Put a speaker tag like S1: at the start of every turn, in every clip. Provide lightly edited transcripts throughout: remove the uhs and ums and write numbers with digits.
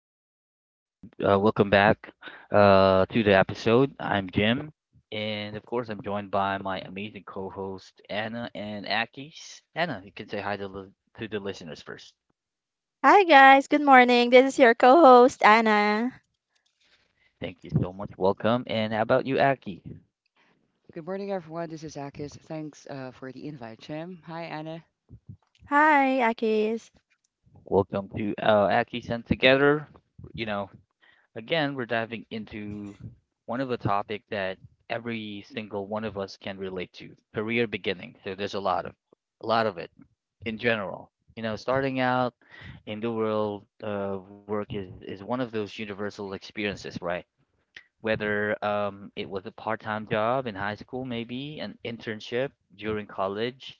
S1: guys. Welcome back to the episode. I'm Jim, and of course, I'm joined by my amazing co-host Anna and Aki's. Anna, you can say hi to the listeners first.
S2: Hi guys, good morning. This is your co-host Anna.
S1: Thank you so much. Welcome, and how about you, Aki?
S3: Good morning, everyone. This is Akis. Thanks for the invite, Jim. Hi, Anna.
S2: Hi, Akis.
S1: Welcome to Aki's and Together. You know, again, we're diving into one of the topic that every single one of us can relate to: career beginning. So there's a lot of it in general. Starting out in the world of work is one of those universal experiences, right? Whether it was a part-time job in high school, maybe an internship during college,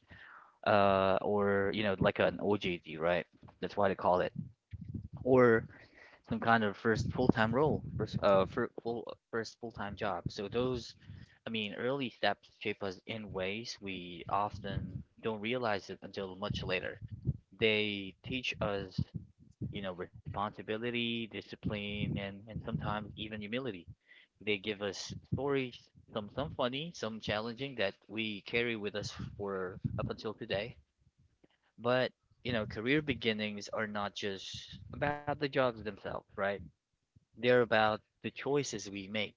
S1: or like an OJT, right? That's why they call it, or some kind of first full-time role, first full-time job. So those, I mean, early steps shape us in ways we often don't realize it until much later. They teach us, responsibility, discipline, and sometimes even humility. They give us stories, some funny, some challenging that we carry with us for up until today. But, career beginnings are not just about the jobs themselves, right? They're about the choices we make,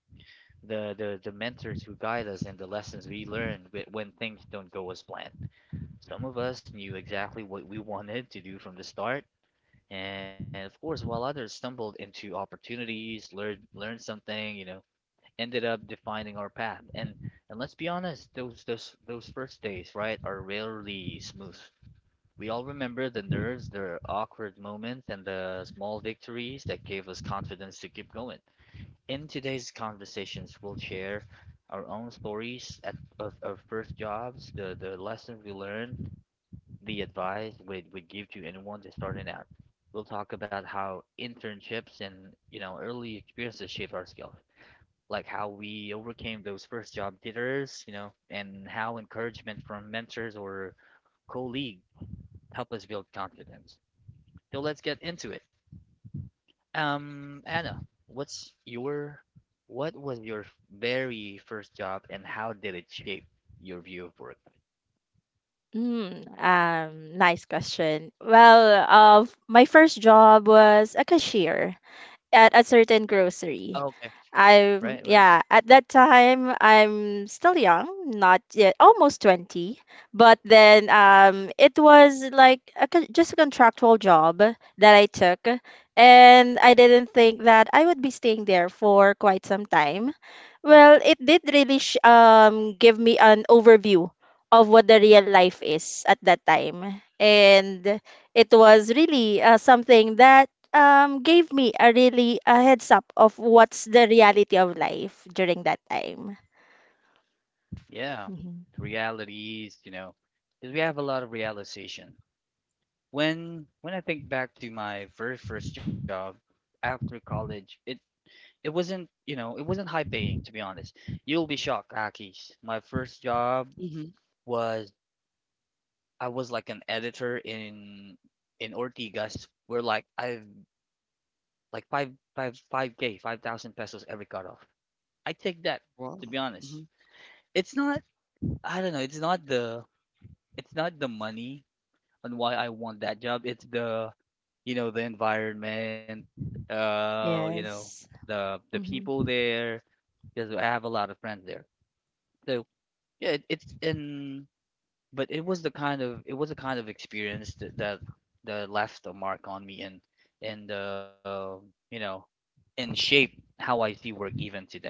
S1: the mentors who guide us, and the lessons we learn when things don't go as planned. Some of us knew exactly what we wanted to do from the start. And of course, while others stumbled into opportunities, learned something, ended up defining our path. And let's be honest, those first days, right, are rarely smooth. We all remember the nerves, the awkward moments, and the small victories that gave us confidence to keep going. In today's conversations, we'll share our own stories of first jobs, the lessons we learned, the advice we'd give to anyone just starting out. We'll talk about how internships and, early experiences shape our skills, like how we overcame those first job jitters, and how encouragement from mentors or colleagues help us build confidence. So let's get into it. Anna, what's your, what was your very first job and how did it shape your view of work?
S2: Nice question. My first job was a cashier at a certain grocery.
S1: Okay. Right.
S2: At that time I'm still young, not yet almost 20, but then it was like just a contractual job that I took, and I didn't think that I would be staying there for quite some time. Well, it did really give me an overview of what the real life is at that time. And it was really something that gave me a really a heads up of what's the reality of life during that time.
S1: Yeah,
S2: Mhm.
S1: realities, you know, because we have a lot of realization. When I think back to my very first job after college, it wasn't, it wasn't high paying to be honest. You'll be shocked, Akis. My first job
S3: Mm-hmm.
S1: was I was like an editor in Ortigas where like I've like five K, 5,000 pesos every cutoff. I take that,
S3: Wow.
S1: to be honest.
S3: Hmm.
S1: It's not, I don't know, it's not the money on why I want that job. It's the environment, uh, you know
S2: Yes.
S1: the
S2: Mm-hmm.
S1: people there because I have a lot of friends there. So yeah, it, it's in but it was a kind of experience that left a mark on me and you know and shaped how I see work even today.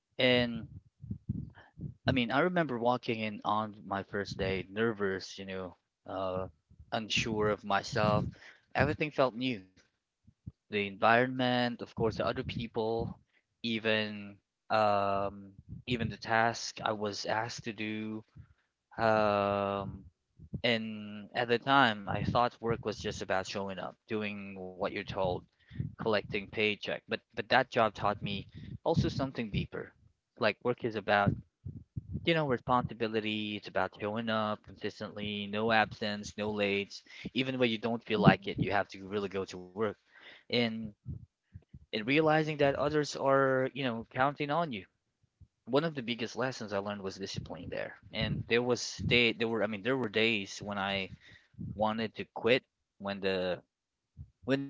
S1: And I mean, I remember walking in on my first day, nervous, you know, uh, unsure of myself. Everything felt new. The environment, of course, the other people, even um, even the task I was asked to do. Um, and at the time, I thought work was just about showing up, doing what you're told, collecting paycheck. But that job taught me also something deeper. Like work is about, you know, responsibility. It's about showing up consistently, no absence, no late. Even when you don't feel like it, you have to really go to work. And and realizing that others are, you know, counting on you. One of the biggest lessons I learned was discipline there. And there was day there were I mean there were days when I wanted to quit when the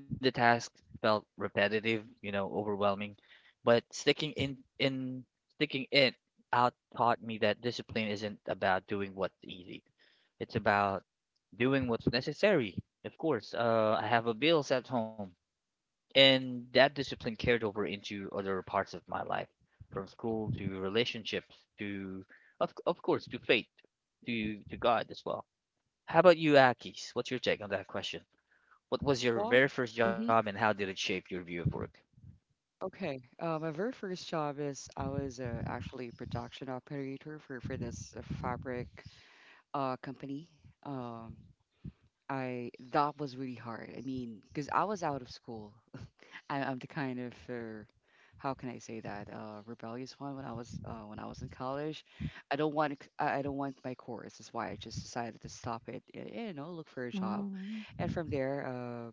S1: when the task felt repetitive, you know, overwhelming. But sticking in sticking it out taught me that discipline isn't about doing what's easy. It's about doing what's necessary. Of course, I have a bills at home. And that discipline carried over into other parts of my life, from school to relationships of course, to faith, to God as well. How about you, Akis? What's your take on that question? What was your
S3: Well,
S1: very first job,
S3: mm-hmm,
S1: and how did it shape your view of work?
S3: okay. My very first job is I was actually a production operator for this fabric company. Um, I that was really hard. I mean, because I was out of school. I'm the kind of how can I say that rebellious one. When I was in college, I don't want I don't want my course. That's why I just decided to stop it. You know, look for a job,
S2: Mm-hmm.
S3: and from there,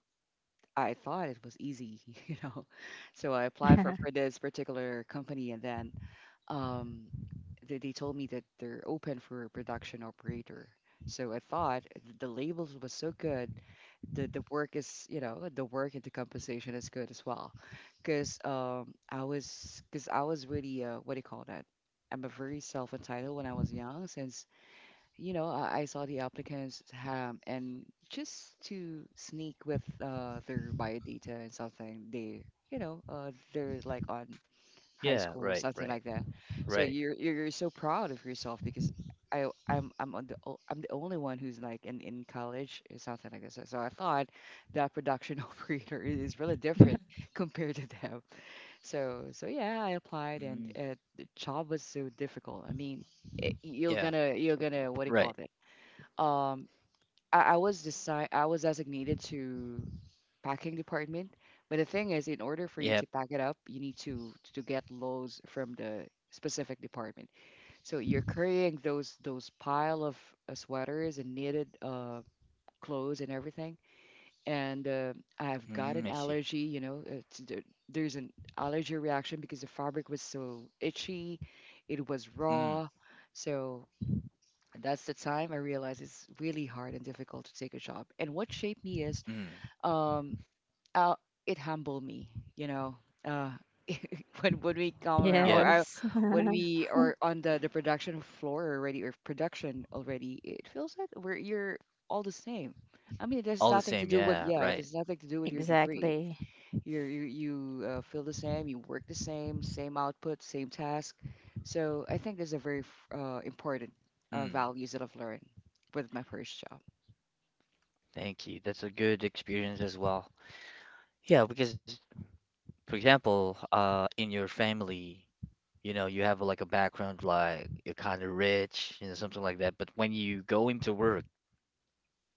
S3: I thought it was easy. You know, so I applied for this particular company, and then um, they told me that they're open for a production operator. So I thought the labels was so good, the work is, you know, the work and the compensation is good as well, because I was really what do you call that? I'm a very self-entitled when I was young, since you know, I saw the applicants, and just to sneak with their biodata and something they, you know, they're like on high
S1: Yeah, right,
S3: school,
S1: right,
S3: something like that.
S1: right.
S3: So you're so proud of yourself because I'm on the o- I'm the only one who's like in college or something like that. So, so I thought that production operator is really different compared to them. So so yeah, I applied and
S1: Mm,
S3: the job was so difficult. I mean, it, you're
S1: yeah,
S3: gonna you're gonna what do you
S1: right.
S3: call it? Um, I was designated to packing department. But the thing is, in order for
S1: Yeah.
S3: you to pack it up, you need to get loads from the specific department. So you're carrying those, pile of sweaters and knitted clothes and everything. And I've got
S1: Mm, I
S3: an
S1: see.
S3: allergy. You know, there's an allergy reaction because the fabric was so itchy, it was
S1: Mm.
S3: raw. So that's the time I realized it's really hard and difficult to take a job. And what shaped me is.
S1: Mm.
S3: Um, uh, it humbled me, you know. Uh, when we come around,
S1: Yeah,
S3: or
S2: Yes.
S3: when we are on the production floor already, or production already, it feels like we're you're all the same. I mean, it has
S1: all the
S3: nothing to
S1: same.
S3: do with,
S1: Yeah,
S3: yeah, it
S1: right.
S3: has nothing to do with your degree.
S2: Exactly.
S3: You're, you you feel the same, you work the same, same output, same task. So I think there's a very important
S1: Mm,
S3: values that I've learned with my first job.
S1: thank you. That's a good experience as well. Yeah, because for example, in your family, you know, you have like a background like you're kind of rich, you know, something like that. But when you go into work,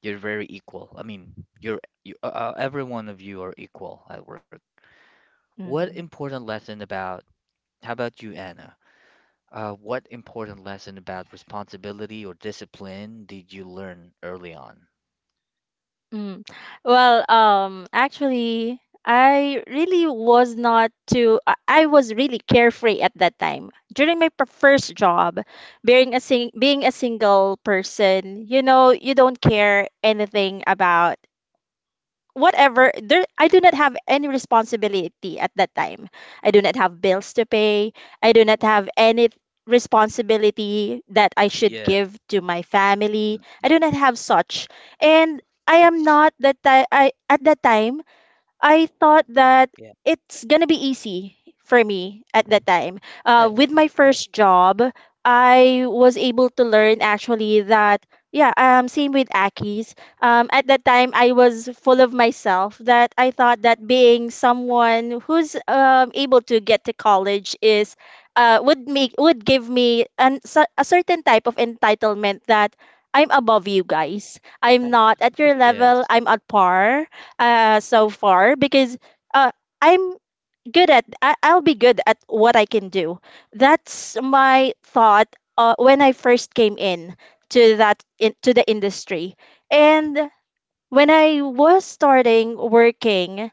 S1: you're very equal. I mean, every one of you are equal at work. What
S2: Mm-hmm.
S1: important lesson about, how about you, Anna? What important lesson about responsibility or discipline did you learn early on?
S2: Mm. Actually, I really was not too, I was really carefree at that time. During my first job, being a sing being a single person, you know, you don't care anything about whatever there. I do not have any responsibility at that time. I do not have bills to pay. I do not have any responsibility that I should
S1: Yeah.
S2: give to my family.
S1: Mm.
S2: I do not have such. And I am
S1: Yes.
S2: not that ti- I at that time I thought
S1: Yeah.
S2: that it's gonna be easy for me at that time.
S1: Right.
S2: With my
S1: Right.
S2: first job, I was able to learn actually that yeah, same with Aki's. At that time, I was full of myself that I thought that being someone who's able to get to college is would make would give me an a certain type of entitlement that I'm above you guys. I'm not at your level.
S1: Yes.
S2: I'm at par so far because uh I'm good at, I'll be good at what I can do. That's my thought when I first came in to the industry. And when I was starting working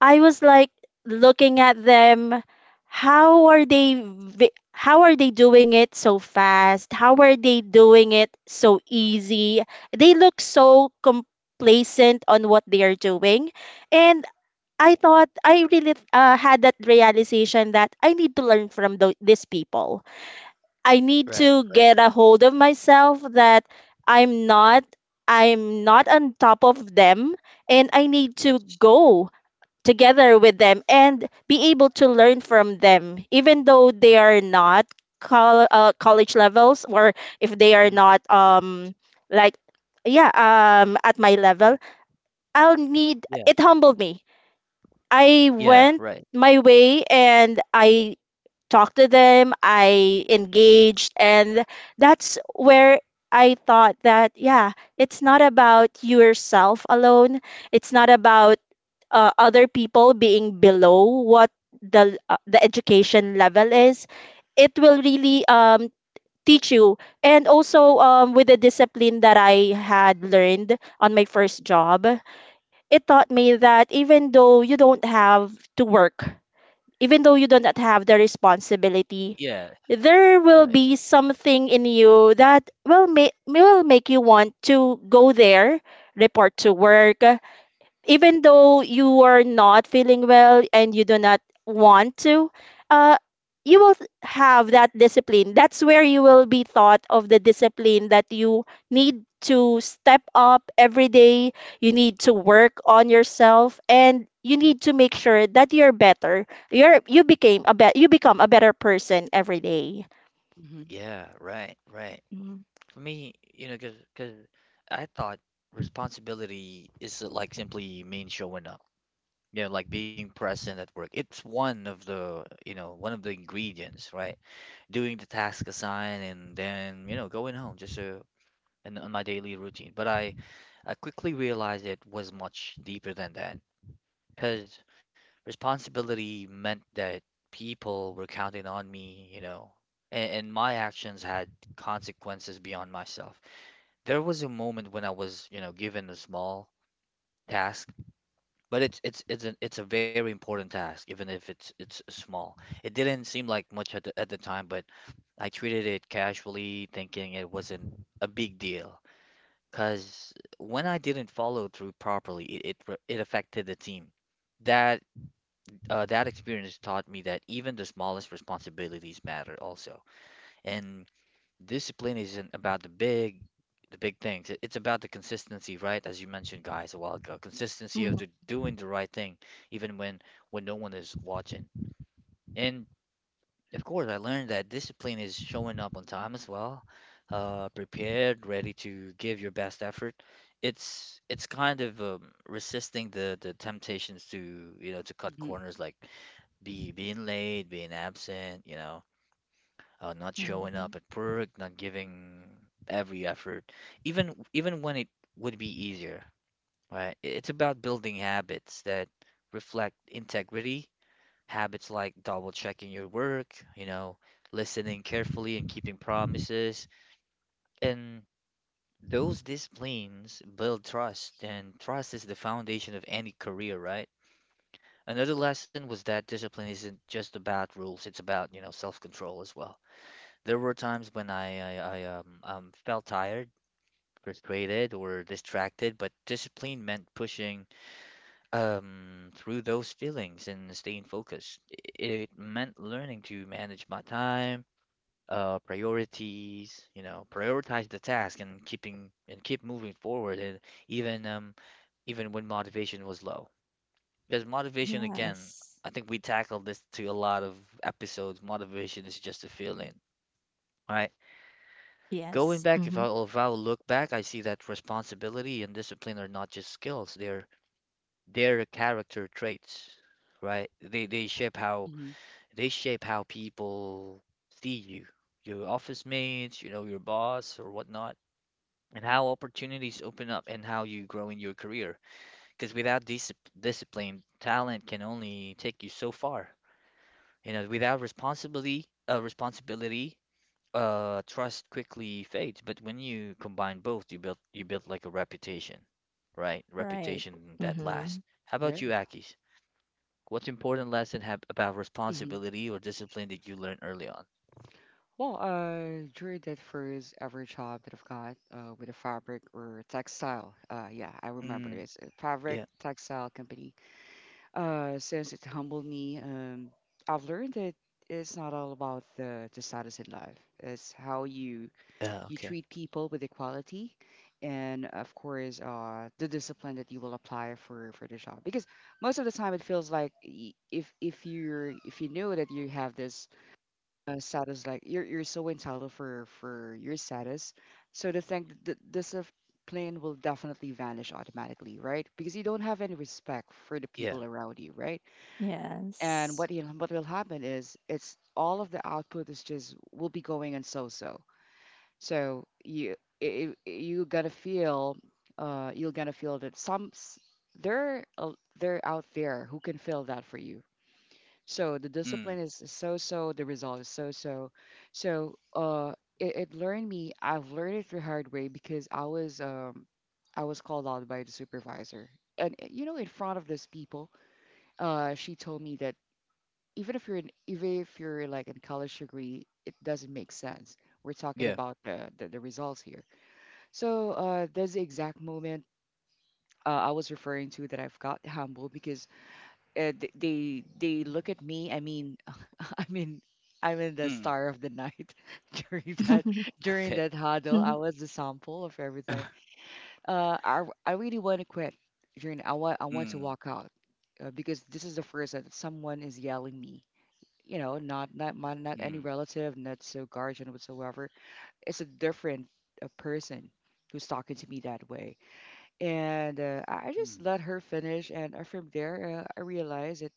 S2: I was like looking at them. How are how are they doing it so fast? How are they doing it so easy? They look so complacent on what they are doing. And I thought I really had that realization that I need to learn from these people. I need
S1: Right,
S2: to
S1: right.
S2: get a hold of myself that I'm not I'm not on top of them, and I need to
S1: Yes.
S2: go together with them and be able to learn from them, even though they are not college levels, or if they are
S1: Mm.
S2: not
S1: Yeah.
S2: like, yeah at my level. I'll need
S1: Yeah.
S2: it humbled me. I
S1: Yeah, right.
S2: went my way and I talked to them. I engaged, and that's where I thought that yeah, it's not about yourself alone. It's not about other people being below what the education level is. It will really teach you. And also, with the discipline that I had learned on my first job, it taught me that even though you don't have to work, even though you do not have the responsibility,
S1: Yeah,
S2: there will
S1: right.
S2: be something in you that will make you want to go there, report to work even though you are not feeling well and you do not want to, uh, you will have that discipline. That's where you will be thought of the discipline that you need to step up every day. You need to work on yourself and you need to make sure that you're better. You become a better person every day.
S3: Mm-hmm,
S1: Yeah, right, right. For me, you know, 'cause I thought responsibility is like simply means showing up. Like being present at work. It's one of one of the ingredients, right? Doing the task assigned and then, you know, going home just and on my daily routine. But I quickly realized it was much deeper than that. Because responsibility meant that people were counting on me, you know, and my actions had consequences beyond myself. There was a moment when I was, you know, given a small task, but it's a very important task, even if it's small. It didn't seem like much at the time, but I treated it casually, thinking it wasn't a big deal. Because when I didn't follow through properly, it affected the team. That that experience taught me that even the smallest responsibilities matter also. And discipline isn't about the big things. It's about the consistency, right? As you mentioned, guys, a while ago. Consistency
S2: Mm-hmm.
S1: of the doing the right thing even when no one is watching. And of course, I learned that discipline is showing up on time as well. Prepared, ready to give your best effort. It's kind of resisting the temptations to, to cut
S3: mm-hmm,
S1: corners like be being late, being absent, you know, not showing
S2: Mm-hmm.
S1: up at work, not giving every effort, even when it would be easier, right? It's about building habits that reflect integrity, habits like double checking your work, you know, listening carefully and keeping promises. And those disciplines build trust, and trust is the foundation of any career, right? Another lesson was that discipline isn't just about rules, it's about, you know, self-control as well. There were times when I felt tired, frustrated, or distracted, but discipline meant pushing through those feelings and staying focused. It meant learning to manage my time, priorities, you know, prioritize the task and keep moving forward, and even um, even when motivation was low. Because motivation, again,
S2: Yes.
S1: I think we tackled this to a lot of episodes. Motivation is just a feeling. Right? Going
S2: Yes.
S1: back, if
S2: Mm-hmm.
S1: i if i look back, I see that responsibility and discipline are not just skills, they're character traits, right?
S3: mm-hmm.
S1: They shape how people see you, your office mates, you know, your boss or whatnot, and how opportunities open up and how you grow in your career. Because without discipline, talent can only take you so far. Without responsibility, trust quickly fades, but when you combine both, you build like a reputation, right?
S2: Right.
S1: Reputation that
S2: Mm-hmm.
S1: lasts. How about you, Akis? What's important lesson have about
S3: Yeah.
S1: responsibility or discipline that you learned early on?
S3: Well, during that first ever job that I've got with a fabric or textile, yeah, I remember
S1: Mm,
S3: it's a fabric
S1: yeah.
S3: textile company. Since it humbled me, I've learned that it's not all about the status in life. It's how you,
S1: Yeah.
S3: you
S1: Okay.
S3: treat people with equality, and of course, the discipline that you will apply for the job. Because most of the time, it feels like if you're, if you know that you have this status, like you're so entitled for your status, so the plane will definitely vanish automatically, right? Because you don't have any respect for the
S1: Yeah.
S3: people around you, right? And what
S2: Yes.
S3: you, what will happen is it's all of the output is just will be going on, so so, so you gotta feel, you're gonna feel that there are, out there who can fill that for you, so the
S1: Mm,
S3: discipline is so so, the result is so so. So it learned me. I've learned it through hard way because I was, I was called out by the supervisor, and you know, in front of those people, she told me that even if you're like in college degree, it doesn't make sense. We're talking
S1: yeah.
S3: about the results here. So that's the exact moment I was referring to that I've got humble because they look at me. I mean, I mean, I'm in the
S1: Mm.
S3: star of the night during that during
S1: Okay.
S3: that huddle. I was the sample of everything. I really want to quit. During I want to
S1: Mm,
S3: walk out because this is the first that someone is yelling me. You know, not, not my not any
S1: mm,
S3: relative, not so guardian whatsoever. It's a different person who's talking to me that way, and I just
S1: mm.
S3: let her finish. And from there, I realized it.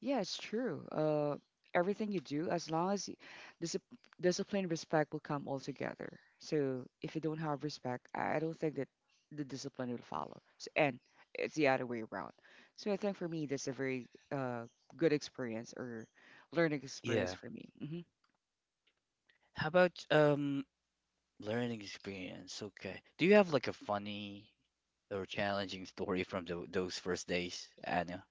S3: Yeah, it's true. Everything you do, as long as you, disip- discipline and respect will come all together. So if you don't have respect, I don't think that the discipline will follow. So, and it's the other way around. So I think for me, that's a very good experience or learning experience
S1: Yeah.
S3: for me. Hmm.
S1: How about learning experience? Okay. Do you have like a funny or challenging story from those first days, Anna?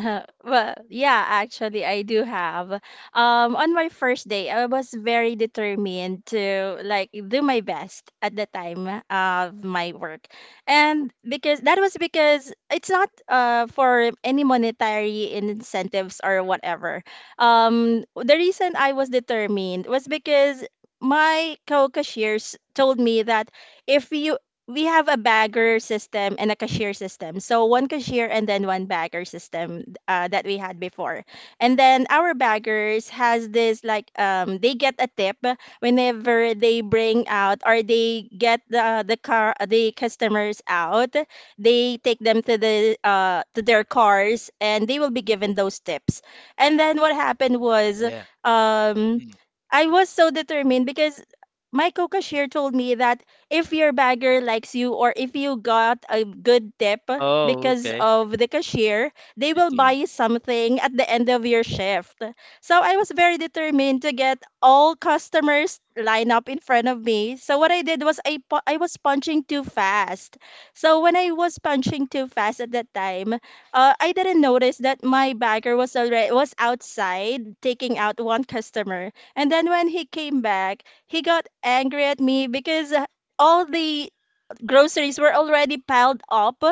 S2: Yeah, actually, I do have. On my first day, I was very determined to like do my best at the time of my work, and because that was because it's not for any monetary incentives or whatever. The reason I was determined was because my co-cashiers told me that if you, we have a bagger system and a cashier system. So one cashier and then one bagger system that we had before. And then our baggers has this like they get a tip whenever they bring out, or they get the customers out. They take them to the to their cars and they will be given those tips. And then what happened was
S1: Yeah.
S2: um I was so determined because my co-cashier told me that if your bagger likes you, or if you got a good tip
S1: Oh,
S2: because
S1: okay.
S2: of the cashier, they
S1: I
S2: will buy
S1: see.
S2: you something at the end of your shift. So I was very determined to get all customers line up in front of me. So what I did was I was punching too fast. So when I was punching too fast at that time, I didn't notice that my bagger was already was outside taking out one customer. And then when he came back, he got angry at me because all the groceries were already piled up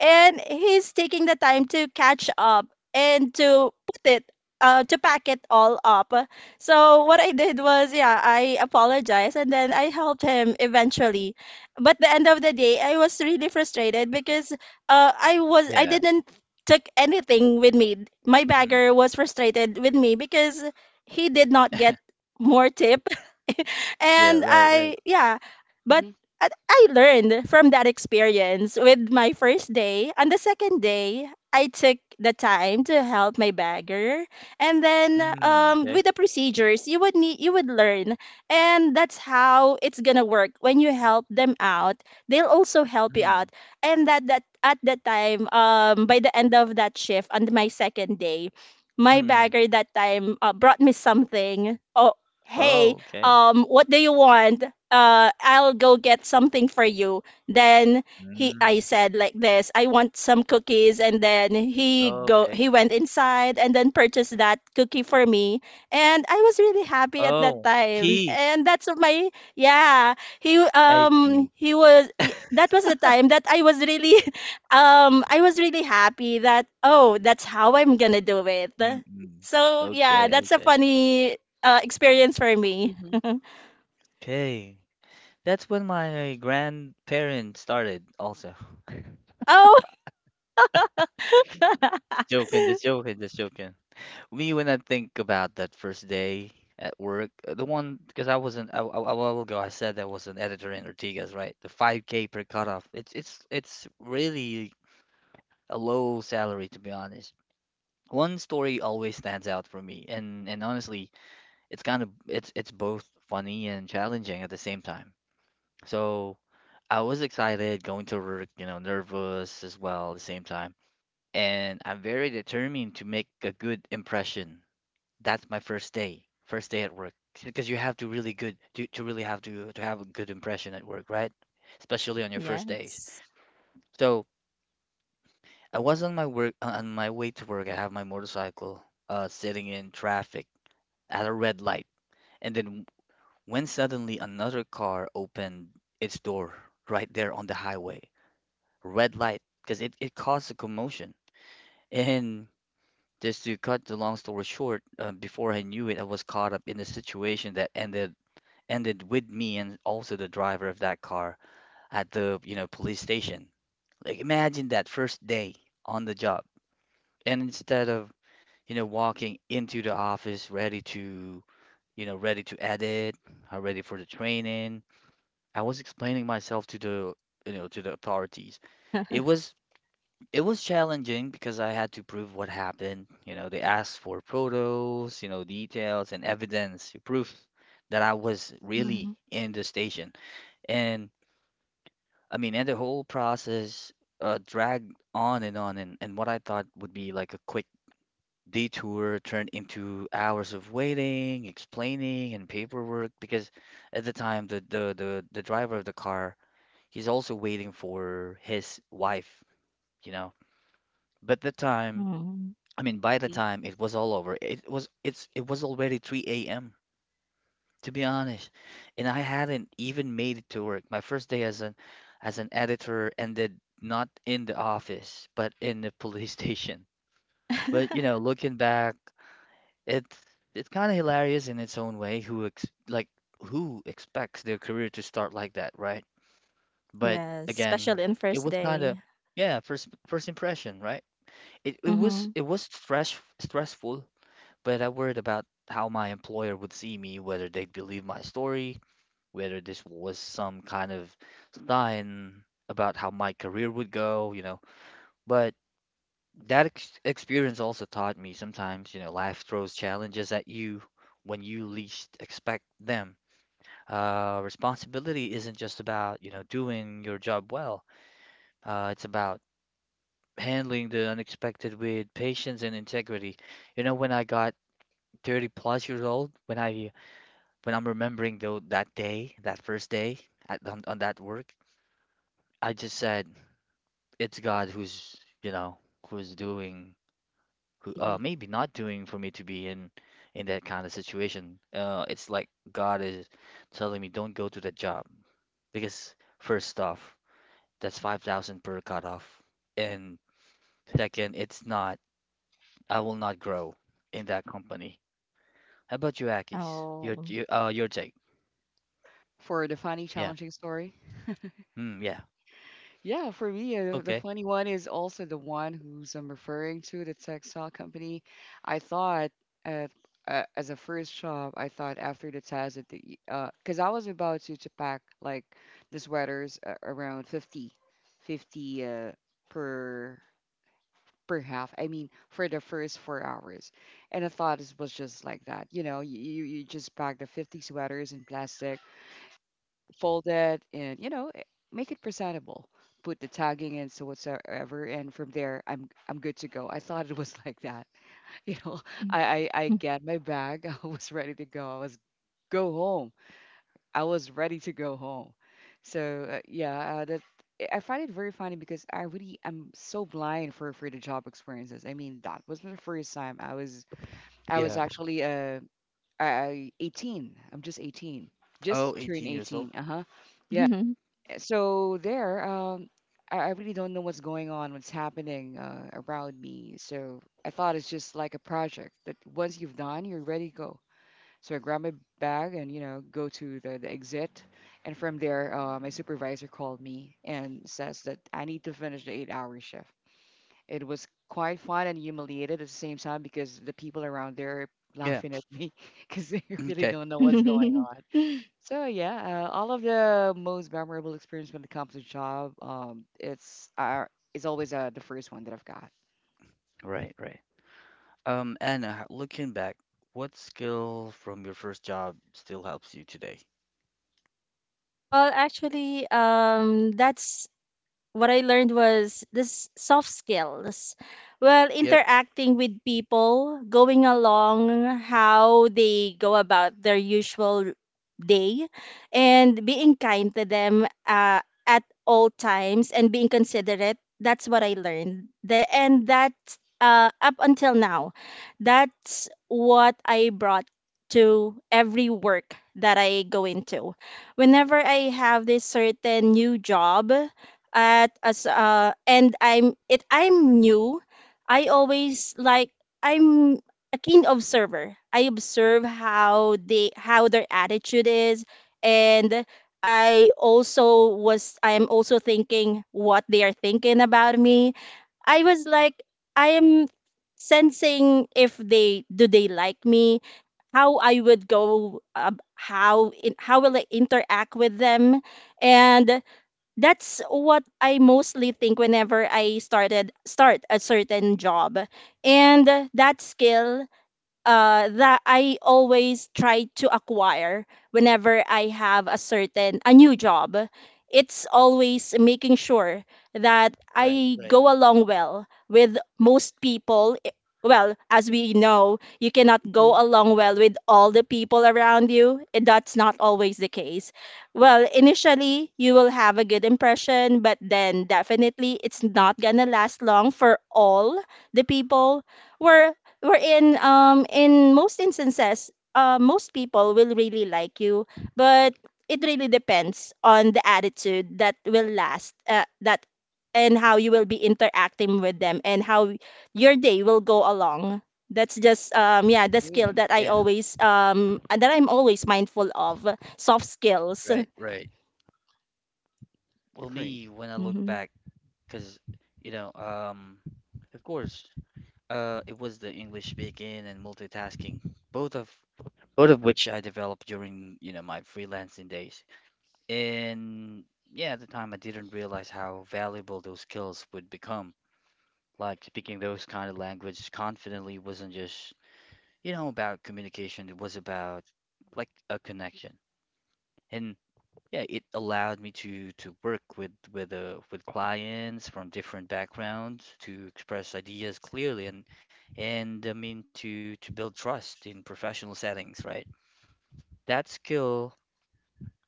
S2: and he's taking the time to catch up and to put it, to pack it all up. So what I did was, yeah, I apologized and then I helped him eventually. But the end of the day, I was really frustrated because I was, I
S1: Yeah.
S2: didn't took anything with me. My
S1: Mm.
S2: bagger was frustrated with me because he did not get more tip,
S1: Yeah,
S2: and
S1: right, right.
S2: I yeah. But
S3: Hmm,
S2: I learned from that experience with my first day. On the second day, I took the time to help my bagger, and then
S1: Mm,
S2: with
S1: okay.
S2: the procedures, you would learn, and that's how it's gonna work. When you help them out, they'll also help you out.
S1: Mm.
S2: And that at that time, by the end of that shift on my second day, my
S1: Mm.
S2: bagger that time brought me something. Oh, hey,
S1: Oh, okay.
S2: what do you want? I'll go get something for you. Then I
S1: Mm.
S2: said like this, I want some cookies, and then
S1: Okay.
S2: he went inside and then purchased that cookie for me, and I was really happy at that
S1: Oh,
S2: time.
S1: key.
S2: And that's my, yeah,
S1: I see.
S2: that was the time that I was really, I was really happy that, oh, that's how I'm gonna do it.
S1: Mm-mm.
S2: So yeah,
S1: Okay,
S2: that's a
S1: okay.
S2: funny experience for me.
S3: hmm,
S1: Okay. That's when my grandparents started also.
S2: Oh,
S1: Just joking, just joking, just joking. Me, when I think about that first day at work, the one because I wasn't a while ago, I said I was an editor in Ortigas, right? The 5K per cutoff. It's really a low salary to be honest. One story always stands out for me, and honestly, it's kind of it's both funny and challenging at the same time. So I was excited going to work, you know, nervous as well at the same time, and I'm very determined to make a good impression. That's my first day at work, because you have to really good to really have to have a good impression at work, right? Especially on your first days.
S2: yes.
S1: So I was on my way to work. I have my motorcycle, sitting in traffic at a red light, and then when suddenly another car opened its door right there on the highway, red light, because it caused a commotion. And just to cut the long story short, before I knew it, I was caught up in a situation that ended with me and also the driver of that car at the, you know, police station. Like imagine that first day on the job. And instead of, you know, walking into the office ready to, you know, ready to edit, ready for the training, I was explaining myself to the, you know, to the authorities. It was it was challenging because I had to prove what happened. You know, they asked for photos, you know, details and evidence, proof that I was
S2: Mhm,
S1: really in the station. And and the whole process dragged on and on, and what I thought would be like a quick detour turned into hours of waiting, explaining, and paperwork because at the time the driver of the car, he's also waiting for his wife, you know. But the time,
S2: mhm.
S1: I mean, by the time it was all over, it was already 3 a.m. to be honest. And I hadn't even made it to work. My first day as an editor ended not in the office, but in the police station. But you know, looking back, it's it's kind of hilarious in its own way. Who ex like who expects their career to start like that, right? But
S2: Yes,
S1: again,
S2: especially on
S1: it
S2: first
S1: was kind
S2: day.
S1: of, yeah, first impression, right? It it
S2: Mm-hmm.
S1: was it was stress stressful, but I worried about how my employer would see me, whether they'd believe my story, whether this was some kind of sign about how my career would go, you know. But that experience also taught me sometimes, you know, life throws challenges at you when you least expect them. Responsibility isn't just about, you know, doing your job well. It's about handling the unexpected with patience and integrity. You know, when I got 30 plus years old, when I'm remembering though that day, that first day on that work, I just said, it's God who's, you know, who's doing, who
S3: hmm.
S1: maybe not doing for me to be in that kind of situation. It's like God is telling me don't go to that job because first off, that's 5,000 per cutoff, and second, it's not, I will not grow in that company. How about you, Akis? Your,
S2: Oh.
S1: your uh your take?
S3: For the funny,
S1: Yeah.
S3: challenging story.
S1: Mm, yeah.
S3: Yeah, for me, the
S1: Okay.
S3: funny one is also the one who's I'm referring to, the textile company. I thought at, as a first shop, I thought after the test that the, because I was about to pack like the sweaters around 50, 50 per, per half. I mean, for the first 4 hours, and I thought it was just like that. You know, you just pack the 50 sweaters in plastic, fold it, and you know, eh, make it presentable, put the tagging in, so whatsoever, and from there, I'm good to go. I thought it was like that. You know, I get my bag. I was ready to go, go home I was ready to go home. So yeah, that, I find it very funny because I really am so blind for the job experiences. I mean, that wasn't the first time I was
S1: Yeah.
S3: actually I 18, I'm just 18, just
S1: Oh,
S3: turned
S1: 18 years old.
S3: 18, uh-huh, yeah. So there, I really don't know what's going on, what's happening around me. So I thought it's just like a project that once you've done, you're ready to go. So I grab my bag and, you know, go to the exit, and from there, my supervisor called me and says that I need to finish the 8-hour shift. It was quite fun and humiliated at the same time because the people around there are
S1: Yeah.
S3: laughing at me because they really
S1: Okay.
S3: don't know what's going on.
S2: Well,
S3: So yeah, all of the most memorable experience when it comes to job, it's is always the first one that I've got.
S1: Right, right. Anna, looking back, what skill from your first job still helps you today?
S2: that's what I learned was this soft skills. Well,
S1: Yep.
S2: interacting with people, going along how they go about their usual day, and being kind to them at all times and being considerate. That's what I learned. And that, up until now, that's what I brought to every work that I go into. Whenever I have this certain new job, at as and I'm it I'm new, I always like I'm a keen observer. I observe how they how their attitude is, and I'm also thinking what they are thinking about me. I was like I am sensing if they, do they like me, how I would go how in, how will I interact with them, and that's what I mostly think whenever I started start a certain job. And that skill, that I always try to acquire whenever I have a new job. It's always making sure that
S1: Right,
S2: I
S1: right.
S2: go along well with most people. I- Well, as we know, you cannot go
S3: Mhm.
S2: along well with all the people around you. And that's not always the case. Well, initially, you will have a good impression, but then definitely it's not gonna last long for all the people. Where Wherein, in most instances, most people will really like you, but it really depends on the attitude that will last, that and how you will be interacting with them and how your day will go along. That's just yeah the skill
S3: Agree.
S2: that I
S1: Yeah,
S2: always, that I'm always mindful of, soft skills.
S1: right, right. Well,
S3: Agree.
S1: me, when I look
S2: hmm
S1: back, because, you know, of course, it was the English speaking and multitasking, both of both of which I developed during, you know, my freelancing days. And yeah, at the time, I didn't realize how valuable those skills would become. Like speaking those kind of language confidently wasn't just, you know, about communication. It was about like a connection, and yeah, it allowed me to work with clients from different backgrounds to express ideas clearly and to build trust in professional settings, right? That skill.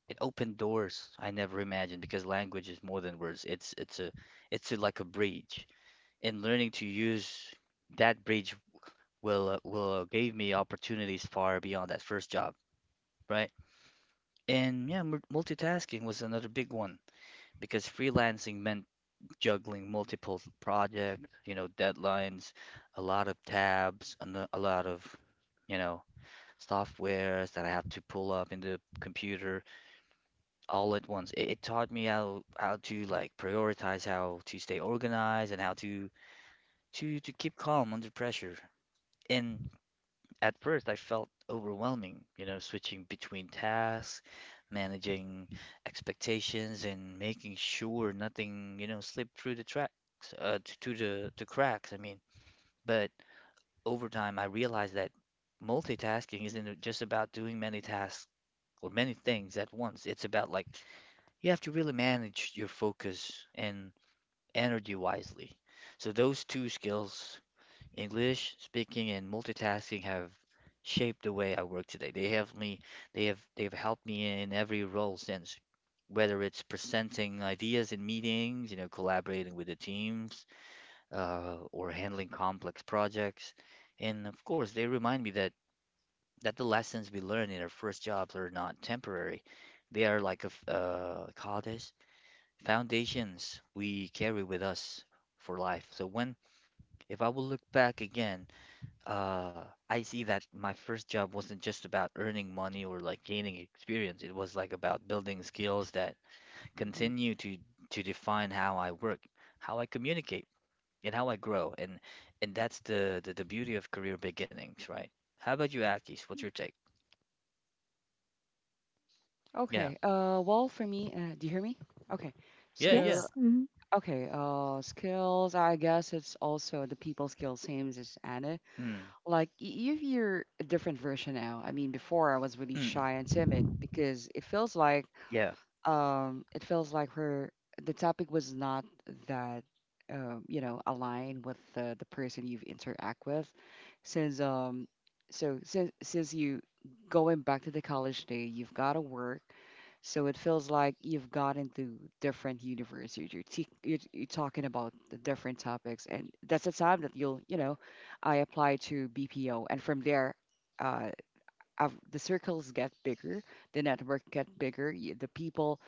S1: It opened doors I never imagined because language is more than words. It's like a bridge, and learning to use that bridge will gave me opportunities far beyond that first job, right? And yeah, multitasking was another big one because freelancing meant juggling multiple projects, you know, deadlines, a lot of tabs, and a no-, a lot of, you know, softwares that I have to pull up in the computer all at once. It taught me how to like prioritize, how to stay organized, and how to keep calm under pressure. And at first I felt overwhelming, you know, switching between tasks, managing expectations, and making sure nothing, you know, slipped through the tracks, to the cracks. I mean, but over time I realized that multitasking isn't just about doing many tasks or many things at once. It's about like you have to really manage your focus and energy wisely. So those two skills, English speaking and multitasking, have shaped the way I work today. They have they've helped me in every role since, whether it's presenting ideas in meetings, you know, collaborating with the teams, or handling complex projects. And of course, they remind me that the lessons we learn in our first jobs are not temporary. They are like a f- call this foundations we carry with us for life. So when, if I will look back again, uh, I see that my first job wasn't just about earning money or like gaining experience. It was like about building skills that
S3: Mhm.
S1: continue to define how I work, how I communicate, and how I grow. And that's the beauty of career beginnings, right? How about you, Akis? What's your take? Yeah,
S3: Okay. Well, for me, do you hear me? Okay.
S1: yeah, yeah.
S3: So,
S2: yes hmm
S3: okay. Skills. I guess it's also the people skills, same as Anna.
S1: Mm,
S3: Like, if you're a different version now. I mean, before I was really
S1: mm,
S3: shy and timid because
S1: yeah,
S3: it feels like her the topic was not that, you know, aligned with the person you've interact with since, since you, going back to the college day, you've got to work. So it feels like you've got into different universe. You're talking about the different topics, and that's the time that you'll, you know, I apply to BPO, and from there, uh, the circles get bigger, the network get bigger, the people,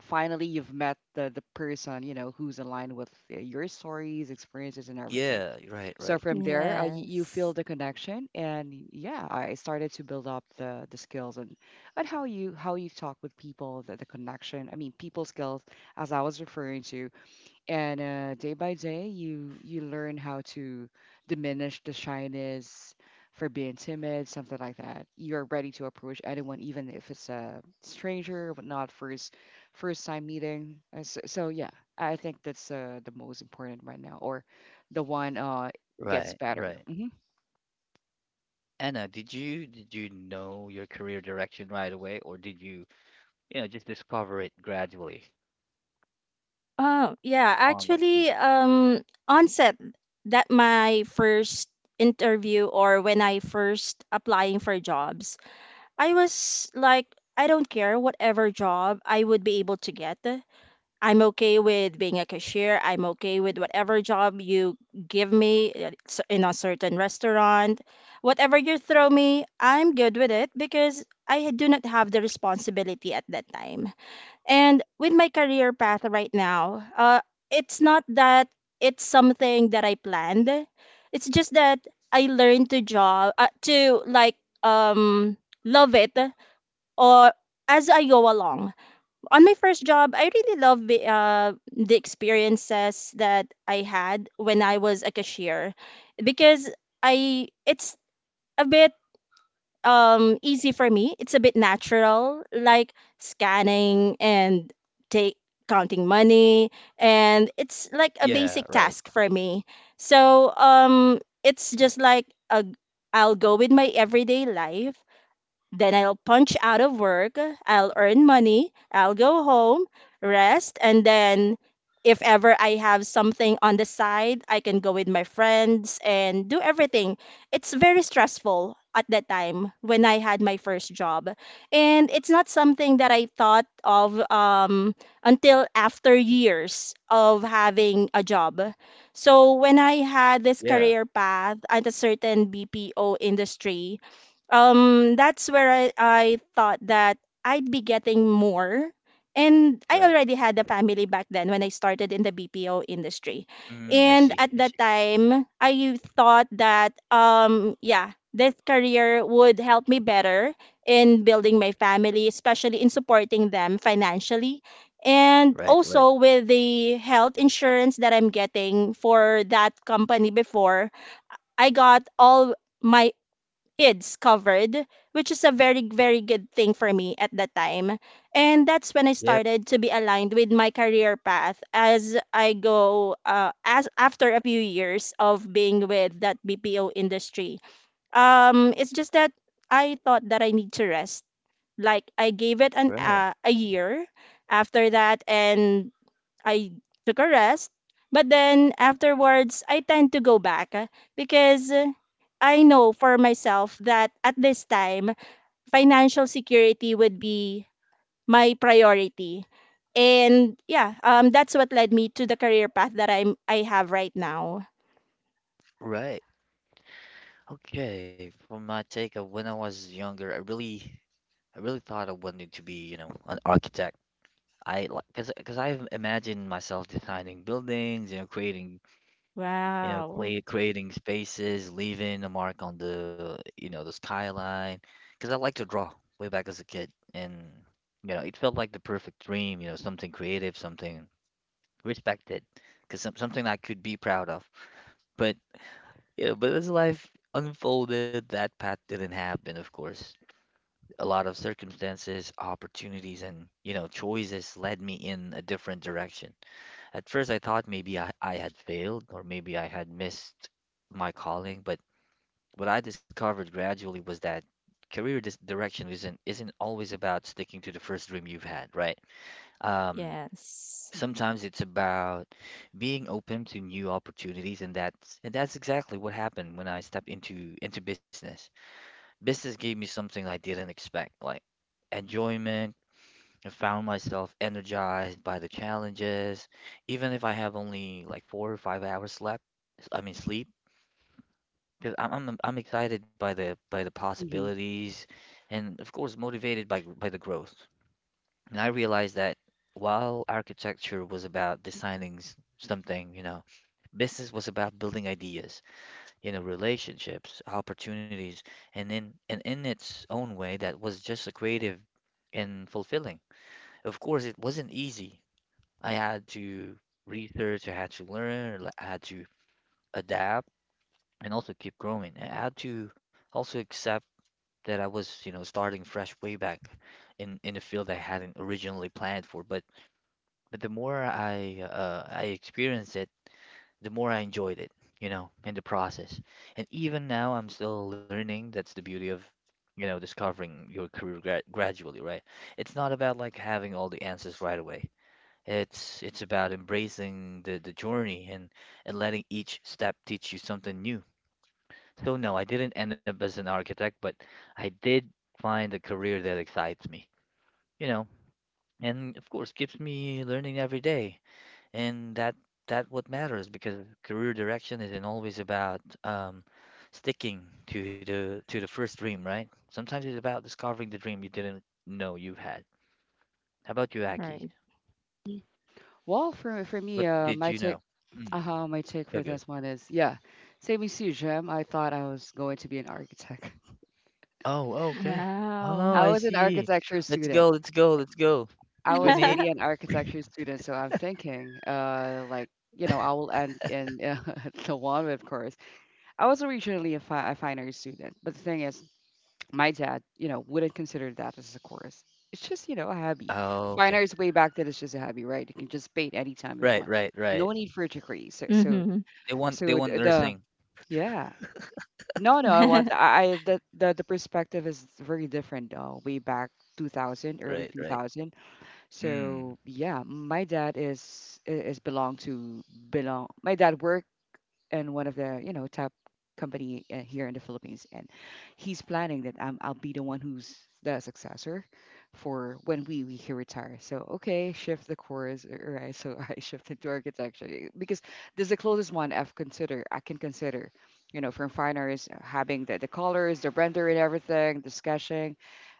S3: finally you've met the person, you know, who's aligned with your stories, experiences, and everything.
S1: yeah. Right,
S3: So
S1: right,
S3: from there, you feel
S2: yes
S3: the connection, and yeah, I started to build up the skills, and how you, how you talk with people, the connection. I mean, people skills, as I was referring to. And day by day, you learn how to diminish the shyness, for being timid, something like that. You're ready to approach anyone, even if it's a stranger, but not first, first time meeting. So, so yeah, I think that's the most important right now, or the one gets
S1: right,
S3: better.
S1: right.
S3: Hmm.
S1: Anna, did you know your career direction right away, or did you, you know, just discover it gradually
S2: Oh, yeah.
S1: online?
S2: On set, that my first interview, or when I first applying for jobs, I was like, I don't care whatever job I would be able to get. I'm okay with being a cashier. I'm okay with whatever job you give me, in a certain restaurant. Whatever you throw me, I'm good with it because I do not have the responsibility at that time. And with my career path right now, it's not that it's something that I planned. It's just that I learned to like, um love it, or as I go along. On my first job, I really love the experiences that I had when I was a cashier because I it's a bit easy for me. It's a bit natural, like scanning and take counting money, and it's like a
S1: Yeah,
S2: basic
S1: right.
S2: task for me. So it's just like a I'll go with my everyday life, then I'll punch out of work, I'll earn money, I'll go home, rest, and then if ever I have something on the side, I can go with my friends and do everything. It's very stressful at that time when I had my first job. And it's not something that I thought of until after years of having a job. So when I had this
S1: Yeah,
S2: career path at a certain BPO industry, that's where I thought that I'd be getting more, and I
S1: right.
S2: already had a family back then when I started in the BPO industry.
S1: Mm, I
S2: And
S1: see,
S2: at
S1: I
S2: that
S1: see.
S2: time I thought that yeah, this career would help me better in building my family, especially in supporting them financially, and
S1: Right, right.
S2: also with the health insurance that I'm getting for that company before. I got all my kids covered, which is a very, very good thing for me at that time. And that's when I
S1: Yep,
S2: started to be aligned with my career path as I go as after a few years of being with that BPO industry. It's just that I thought that I need to rest. Like I gave it an
S1: right,
S2: a year after that, and I took a rest, but then afterwards I tend to go back, because I know for myself that at this time financial security would be my priority. And yeah, that's what led me to the career path that I have right now.
S1: right. Okay, from my take of when I was younger, I really thought I wanted to be, you know, an architect. I like, cause I've imagined myself designing buildings, you know, creating, you know,
S2: Wow.
S1: creating spaces, leaving a mark on the, you know, the skyline. Cause I like to draw way back as a kid, and you know, it felt like the perfect dream, you know, something creative, something respected because some, something I could be proud of. But You know, but as life unfolded, that path didn't happen. Of course, a lot of circumstances, opportunities, and you know choices led me in a different direction. At first, I thought maybe I had failed or maybe I had missed my calling. But what I discovered gradually was that career direction isn't always about sticking to the first dream you've had, right? Um,
S2: Yes.
S1: sometimes it's about being open to new opportunities, and that's exactly what happened when I stepped into business. Business gave me something I didn't expect, like enjoyment. I found myself energized by the challenges, even if I have only like 4 or 5 hours slept. I mean sleep, because I'm excited by the
S3: Hmm.
S1: possibilities, and of course motivated by the growth. And I realized that while architecture was about designing something, you know, business was about building ideas, you know, relationships, opportunities, and in its own way, that was just a creative and fulfilling. Of course, it wasn't easy. I had to research, I had to learn, I had to adapt, and also keep growing. I had to also accept that I was, you know, starting fresh way back in the field I hadn't originally planned for. But the more I, I experienced it, the more I enjoyed it, you know, in the process. And even now, I'm still learning. That's the beauty of, you know, discovering your career gradually, right? It's not about like having all the answers right away. It's about embracing the journey and letting each step teach you something new. So no, I didn't end up as an architect, but I did find a career that excites me, you know, and of course keeps me learning every day. And that what matters because career direction isn't always about, sticking to the first dream, right? Sometimes it's about discovering the dream you didn't know you had. How about you, Aki?
S2: Right.
S3: Well, for me,
S1: What did you know? Mm,
S3: my take for
S1: okay.
S3: this one is, yeah, same as you, Jem. I thought I was going to be an architect.
S1: Oh, okay. Oh,
S2: Wow.
S3: I
S1: I
S3: was an
S1: see.
S3: architecture
S1: Let's
S3: student.
S1: go, let's go, let's go.
S3: I was
S1: 28.
S3: really an architecture student, so I'm thinking, like, you know, I will end in the one, of course. I was originally a, a fine arts student, but the thing is, my dad, you know, wouldn't consider that as a course. It's just, a hobby.
S1: Oh,
S3: Fine
S1: okay.
S3: arts way back then is just a hobby, right? You can just paint anytime you
S1: Right,
S3: want.
S1: right, right.
S3: No need for a degree. So, so,
S2: Mhm.
S1: They want, they
S3: so
S1: want
S3: the
S1: nursing.
S3: Yeah. No, no, I want I the perspective is very different, though. Way back 2000, early
S1: Right, right.
S3: 2000.
S1: Mm.
S3: So yeah, my dad is belong. My dad work in one of the, top company, here in the Philippines, and he's planning that, I'll be the one who's the successor for when we he retire. So okay, shift the course, all right? So I shifted to architecture, eh, because this is the closest one I've considered. I can consider, from fine arts, having the colors, the render, and everything, the sketching.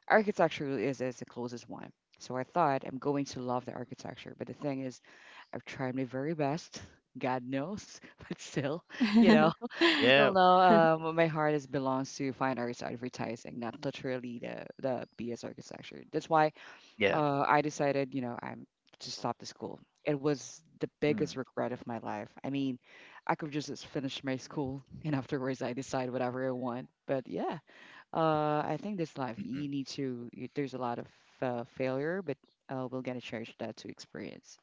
S3: Architecture really is the closest one. So I thought I'm going to love the architecture, but the thing is, I've tried my very best, God knows, but still, you know,
S1: Yeah.
S3: still no. My heart is belongs to fine arts advertising, not literally the BS architecture. That's why,
S1: Yeah.
S3: I decided, I'm to stop the school. It was the biggest
S1: Mm.
S3: regret of my life. I mean, I could just as finish my school and afterwards I decide whatever I want. But yeah, I think this life
S1: Mm-mm.
S3: you need to. There's a lot of, failure, but, we will get a chance that to experience.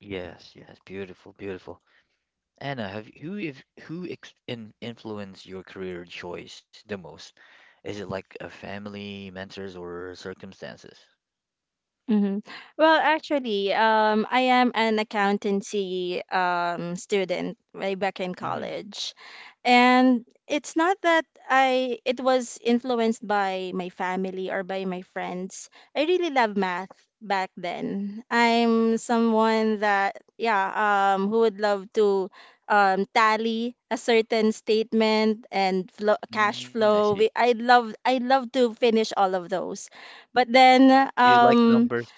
S1: Yes, yes. Beautiful, beautiful. Anna, have who if who ex in, influenced your career choice the most? Is it like a family, mentors, or circumstances?
S2: Mm-hmm. Well, actually, I am an accountancy student way back in
S1: Mm,
S2: college. And it's not that I it was influenced by my family or by my friends. I really love math back then. I'm someone that yeah, who would love to tally a certain statement and flow, cash
S1: mm, I see.
S2: flow. I love to finish all of those. But then
S1: You like numbers.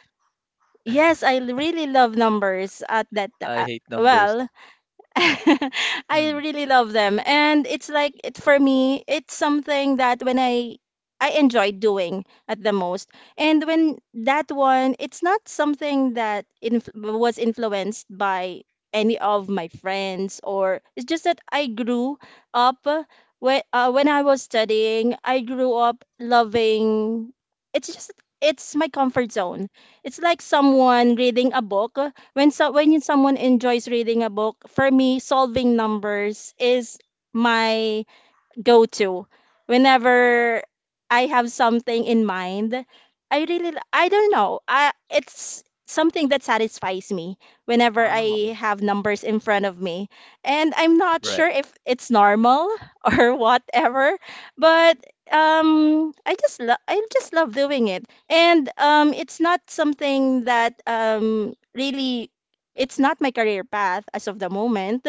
S2: yes, really love numbers at that.
S1: I
S2: Uh,
S1: hate numbers.
S2: well, I
S1: Mm,
S2: really love them. And it's like, it for me, it's something that when I enjoy doing at the most. And when that one, it's not something that inf was influenced by any of my friends, or it's just that I grew up when I was studying, I grew up loving, it's just it's my comfort zone. It's like someone reading a book, when so when someone enjoys reading a book, for me, solving numbers is my go to whenever I have something in mind. I don't know. I It's something that satisfies me whenever I
S3: Wow.
S2: have numbers in front of me. And I'm not sure
S1: right,
S2: if it's normal or whatever, but I just love doing it. And it's not something that really it's not my career path as of the moment,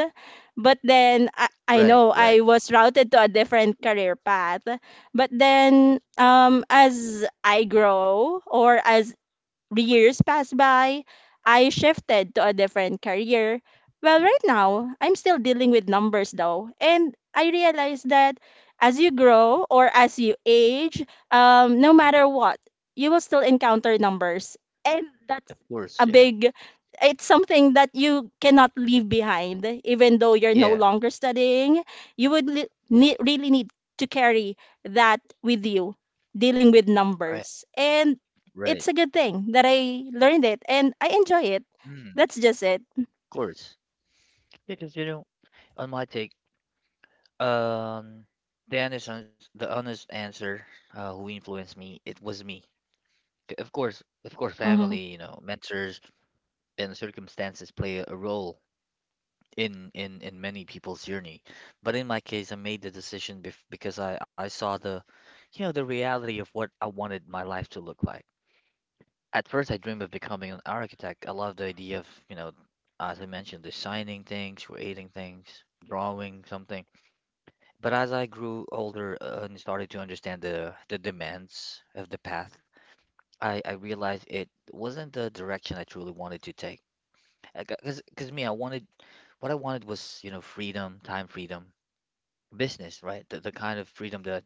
S2: but then I
S1: right,
S2: know I
S1: right.
S2: was routed to a different career path. But then as I grow or as years passed by, I shifted to a different career. Well, right now, I'm still dealing with numbers though. And I realized that as you grow or as you age, no matter what, you will still encounter numbers. And that's
S1: Of
S2: a
S1: course, yeah.
S2: big, it's something that you cannot leave behind. Even though you're no
S1: Yeah,
S2: longer studying, you really need to carry that with you, dealing with
S1: right,
S2: numbers. And
S1: right.
S2: it's a good thing that I learned it and I enjoy it.
S1: Mm,
S2: That's just it.
S1: of course. Because you know, on my take, um, the honest answer, who influenced me, it was me. Of course, of course,
S2: Mm-hmm.
S1: family, mentors, and circumstances play a role in many people's journey. But in my case, I made the decision bef because I saw the reality of what I wanted my life to look like. At first, I dreamed of becoming an architect. I love the idea of, as I mentioned, designing things, creating things, drawing something. But as I grew older and started to understand the demands of the path, I realized it wasn't the direction I truly wanted to take. Because me, I wanted What I wanted was, freedom, time freedom, business, right? The kind of freedom that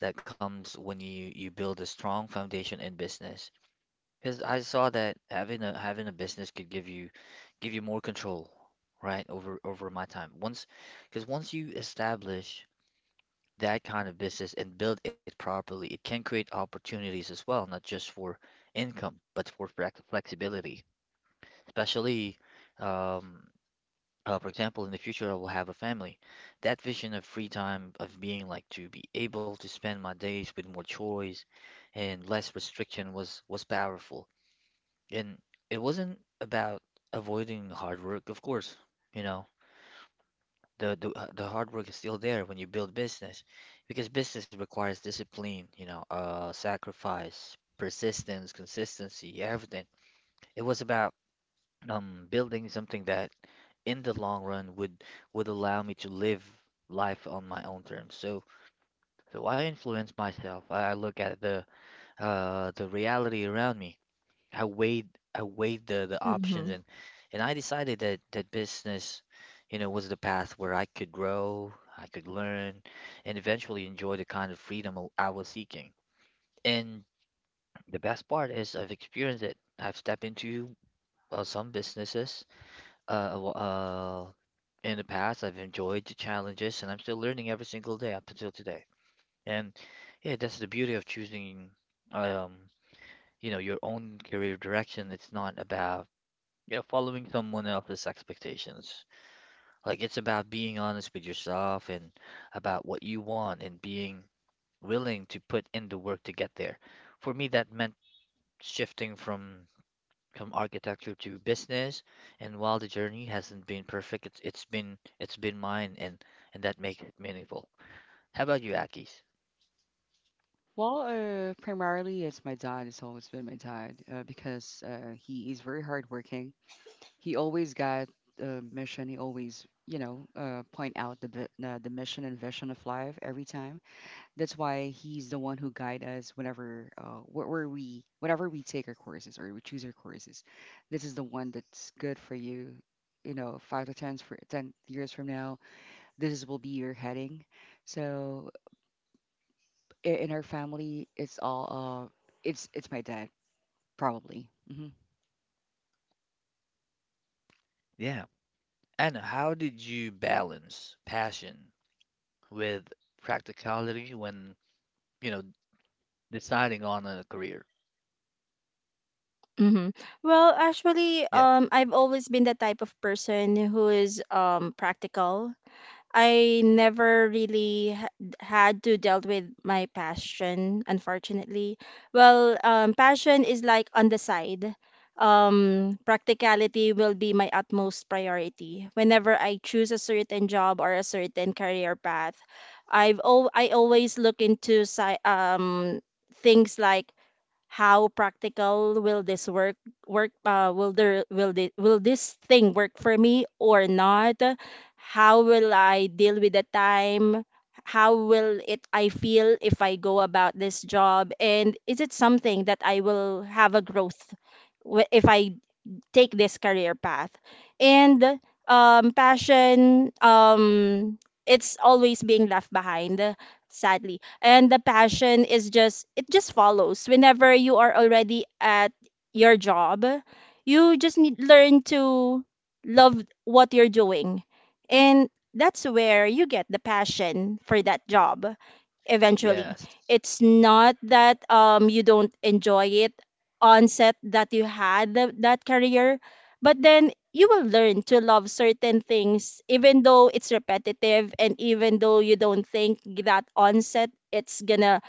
S1: that comes when you build a strong foundation in business. Because I saw that having a business could give you more control, right, over my time. Because once you establish that kind of business and build it properly, it can create opportunities as well, not just for income, but for flexibility, especially. Um, for example, in the future, I will have a family. That vision of free time, of being like to be able to spend my days with more choice and less restriction was powerful. And it wasn't about avoiding hard work, of course. You know, the hard work is still there when you build business, because business requires discipline, sacrifice, persistence, consistency, everything. It was about building something that in the long run would allow me to live life on my own terms. So I influence myself. I look at the reality around me. I weighed I weighed the options
S2: Mm-hmm.
S1: and I decided that that business, was the path where I could grow, I could learn, and eventually enjoy the kind of freedom I was seeking. And the best part is I've experienced it. I've stepped into some businesses a in the past, I've enjoyed the challenges, and I'm still learning every single day up until today. And yeah, that's the beauty of choosing, um, your own career direction. It's not about, following someone else's expectations. Like it's about being honest with yourself and about what you want and being willing to put in the work to get there. For me, that meant shifting from architecture to business. And while the journey hasn't been perfect, it's been mine, and that makes it meaningful. How about you, Akis?
S3: Well, primarily it's my dad. It's always been my dad, because, he is very hardworking. He always got the mission. He always, you know, point out the mission and vision of life every time. That's why he's the one who guide us whenever we take our courses or we choose our courses. This is the one that's good for you. You know, five to ten for 10 years from now, this will be your heading. So in our family, it's all, it's my dad probably. Hmm
S1: Yeah. And how did you balance passion with practicality when, you know, deciding on a career?
S2: Mm-hmm. Well, actually,
S1: Yeah.
S2: I've always been the type of person who is practical. I never really had to dealt with my passion, unfortunately. Well, passion is like on the side. Practicality will be my utmost priority. Whenever I choose a certain job or a certain career path, I always look into things like how practical will this work will there will this thing work for me or not, how will I deal with the time, how will it I feel if I go about this job, and is it something that I will have a growth if I take this career path. And passion, it's always being left behind, sadly. And the passion is just, it just follows. Whenever you are already at your job, you just need learn to love what you're doing. And that's where you get the passion for that job eventually.
S1: Yes,
S2: It's not that you don't enjoy it onset that you had that career, but then you will learn to love certain things even though it's repetitive, and even though you don't think that onset it's gonna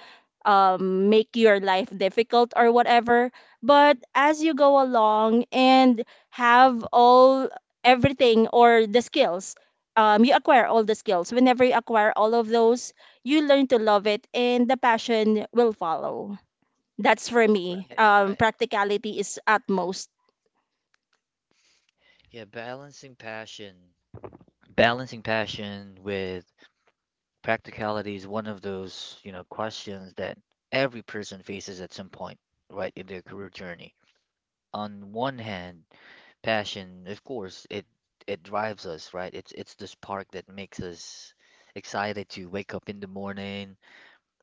S2: make your life difficult or whatever, but as you go along and have all everything or the skills, you acquire all the skills. Whenever you acquire all of those, you learn to love it and the passion will follow. That's for
S1: right,
S2: me.
S1: right.
S2: Practicality is at most.
S1: Yeah, balancing passion with practicality is one of those, questions that every person faces at some point, right, in their career journey. On one hand, passion, of course, it drives us, right? It's the spark that makes us excited to wake up in the morning,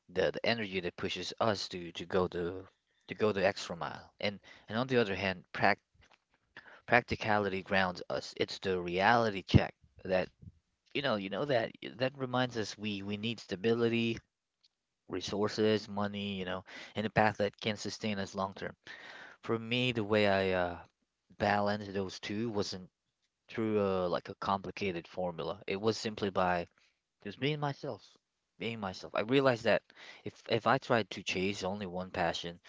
S1: the energy that pushes us to go the extra mile. And on the other hand, practicality grounds us. It's the reality check that you know that that reminds us we need stability, resources, money, and a path that can sustain us long term. For me, the way I balanced those two wasn't through like a complicated formula. It was simply by just being myself, being myself. I realized that if I tried to chase only one passion,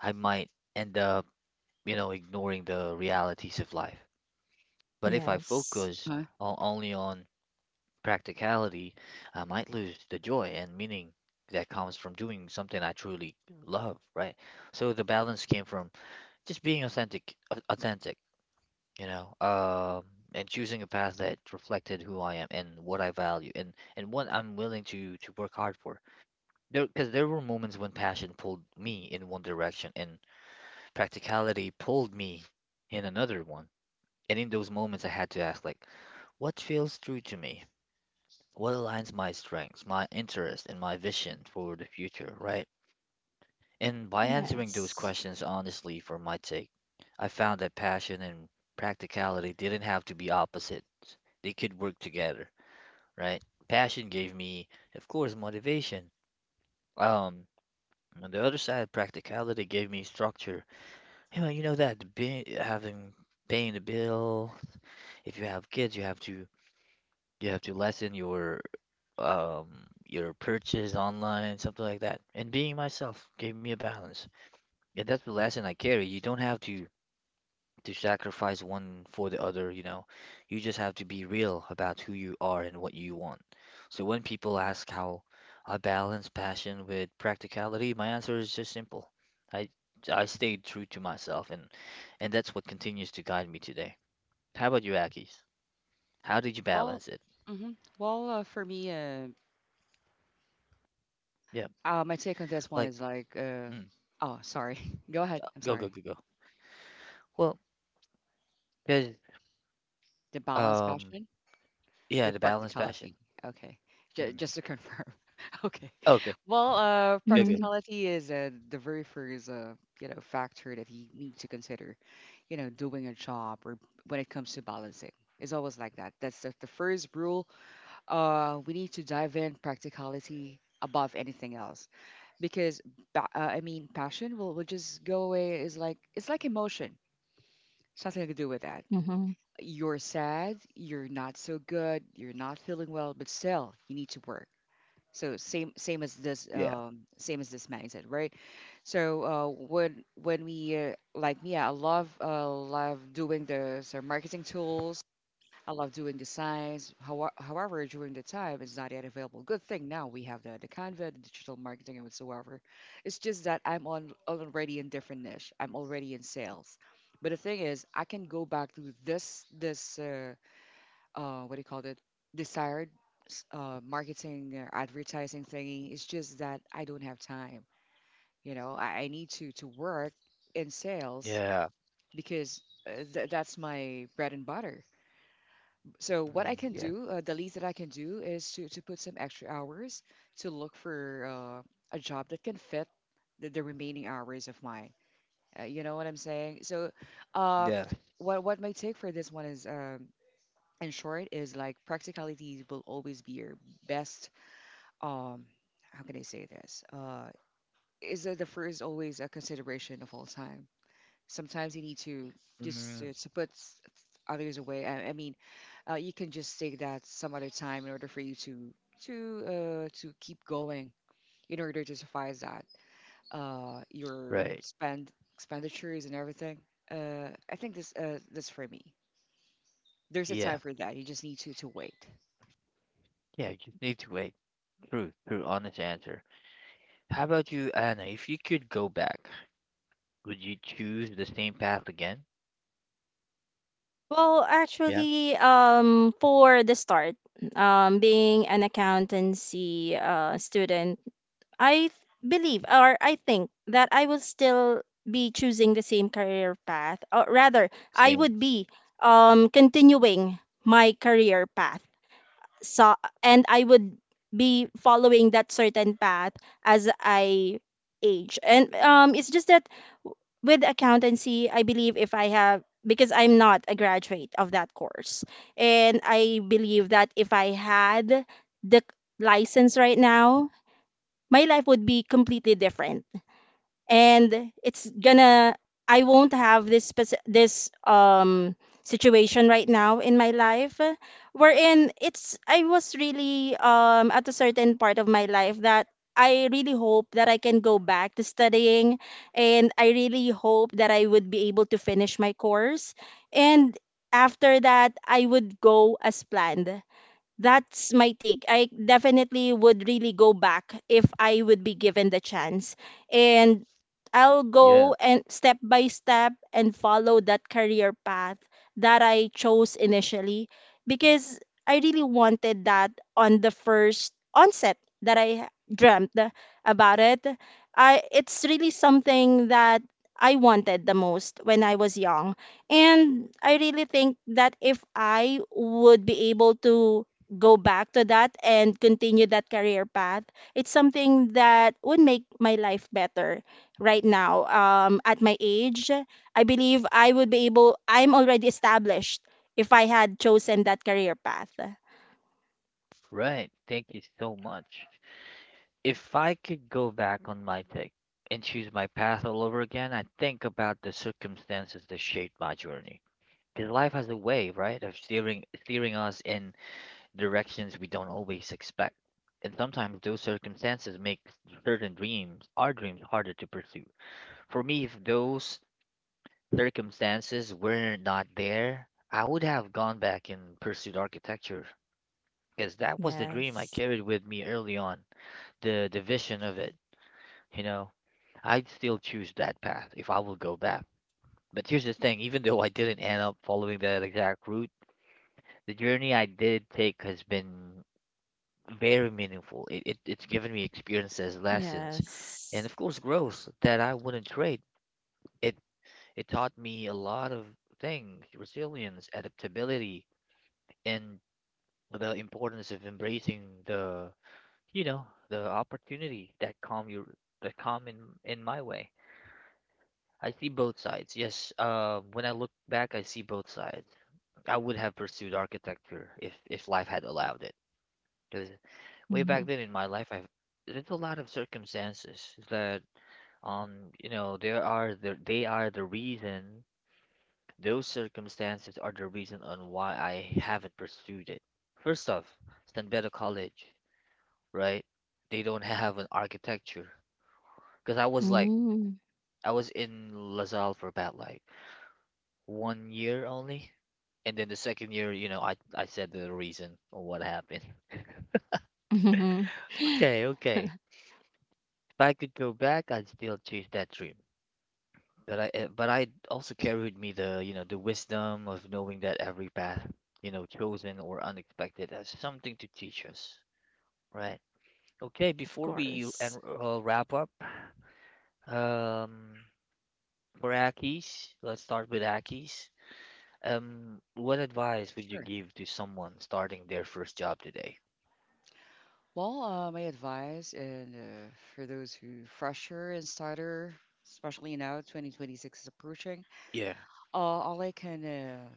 S1: I might end up, ignoring the realities of life. But if I
S2: Yes.
S1: focus
S3: Uh,
S1: only on practicality, I might lose the joy and meaning that comes from doing something I truly love, right? So the balance came from just being authentic, you know, um, and choosing a path that reflected who I am and what I value and what I'm willing to work hard for. Because there were moments when passion pulled me in one direction and practicality pulled me in another one. And in those moments, I had to ask, like, what feels true to me? What aligns my strengths, my interest, and my vision for the future, right? And by answering those
S2: Yes.
S1: questions honestly, for my take, I found that passion and practicality didn't have to be opposites. They could work together, right? Passion gave me, of course, motivation. Um, on the other side, practicality gave me structure. You know that the having paying the bill. If you have kids, you have to lessen um, your purchase online, something like that. And being myself gave me a balance. And that's the lesson I carry. You don't have to sacrifice one for the other, you know. You just have to be real about who you are and what you want. So when people ask how I balance passion with practicality, my answer is just simple. I I stayed true to myself and that's what continues to guide me today. How about you, Akis? How did you
S3: well,
S1: balance it?
S3: hmm well, for me,
S1: Yeah,
S3: my take on this one
S1: like
S3: is like,
S1: mm,
S3: oh, sorry, go ahead. I'm
S1: go go
S3: sorry.
S1: go go. Well, 'cause
S3: The balance
S1: Um,
S3: passion
S1: yeah, the
S3: with
S1: balanced
S3: practicality.
S1: passion.
S3: Okay,
S1: Mm.
S3: just to confirm. Okay,
S1: Okay,
S3: well,
S1: good, good.
S2: Mm-hmm.
S3: practicality is, the very first, factor that you need to consider. You know, doing a job or when it comes to balancing, it's always like that. That's the first rule, we need to dive in practicality above anything else, because, I mean, passion will just go away. Is like, it's like emotion. It's nothing to do with that.
S2: Mm-hmm.
S3: You're sad, you're not so good, you're not feeling well, but still you need to work. So same as this,
S1: Yeah.
S3: same as this mindset, right? So, when we like me, yeah, I love, doing the so marketing tools. I love doing the science. However, during the time, it's not yet available. Good thing now we have the Canva, the digital marketing, and whatsoever. It's just that I'm on already in different niche. I'm already in sales. But the thing is, I can go back to this. What do you call it? Desired, marketing or advertising thingy. It's just that I don't have time. You know, I need to work in sales,
S1: Yeah.
S3: because, that's my bread and butter. So what I
S1: Mm,
S3: can
S1: yeah.
S3: do, the least that I can do is to put some extra hours to look for, a job that can fit the remaining hours of mine. You know what I'm saying? So, uh,
S1: Yeah.
S3: what my take for this one is, in short, is like practicality will always be your best. Um, how can I say this? Is that the first always a consideration of all time? Sometimes you need to just,
S1: Mm,
S3: to put, others away. I mean, you can just take that some other time in order for you to keep going in order to suffice that, your
S1: right.
S3: spend expenditures and everything. I think this for me. There's a time
S1: Yeah.
S3: for that. You just need to wait.
S1: Yeah. You just need to wait. True. True. Honest answer. How about you, Anna? If you could go back, would you choose the same path again?
S2: Well,
S1: Yeah.
S2: actually, for the start, being an accountancy student, I believe or I think that I will still be choosing the same career path, or rather, I
S1: Same.
S2: would be continuing my career path, so and I would be following that certain path as I age. And it's just that w- with accountancy, I believe if I have because I'm not a graduate of that course, and I believe that if I had the license right now, my life would be completely different, and it's gonna, I won't have this this situation right now in my life, wherein it's I was really at a certain part of my life that I really hope that I can go back to studying, and I really hope that I would be able to finish my course, and after that I would go as planned. That's my take. I definitely would really go back if I would be given the chance. And I'll go
S1: Yeah.
S2: and step by step and follow that career path that I chose initially, because I really wanted that on the first onset that I dreamt about it. I It's really something that I wanted the most when I was young. And I really think that if I would be able to go back to that and continue that career path, it's something that would make my life better right now. At my age, I believe I would be able, I'm already established if I had chosen that career path.
S1: Right. Thank you so much. If I could go back on my take and choose my path all over again, I'd think about the circumstances that shaped my journey. Because life has a way, right, of steering us in directions we don't always expect. And sometimes those circumstances make certain dreams, our dreams, harder to pursue. For me, if those circumstances were not there, I would have gone back and pursued architecture. Because that was the dream I carried with me early on, the vision of it. You know, I'd still choose that path if I will go back. But here's the thing, even though I didn't end up following that exact route, the journey I did take has been very meaningful. It's given me experiences, lessons, and
S2: Yes.
S1: of course growth that I wouldn't trade. It it taught me a lot of things, resilience, adaptability, and the importance of embracing the opportunity that come in my way. I see both sides. Yes, when I look back, I see both sides. I would have pursued architecture if life had allowed it. Because way back
S2: Mhm.
S1: then in my life, I've there's a lot of circumstances that um you know there are the they are the reason, those circumstances are the reason on why I haven't pursued it. First off, San Beda College, right? They don't have an architecture because I was like
S2: Mhm.
S1: I was in LaSalle for about like one year only, and then the second year, I said the reason on what happened.
S2: Mhm.
S1: Okay, okay. If I could go back, I'd still chase that dream. But but I also carry with me the wisdom of knowing that every path, chosen or unexpected has something to teach us, right? Okay,
S2: Of
S1: before we and
S2: course.
S1: wrap up, um, for Aki's, let's start with Aki's. What advice would you
S3: Sure.
S1: give to someone starting their first job today?
S3: Well, my advice, and, for those who fresher and starter, especially now 2026 is approaching.
S1: Yeah.
S3: All I can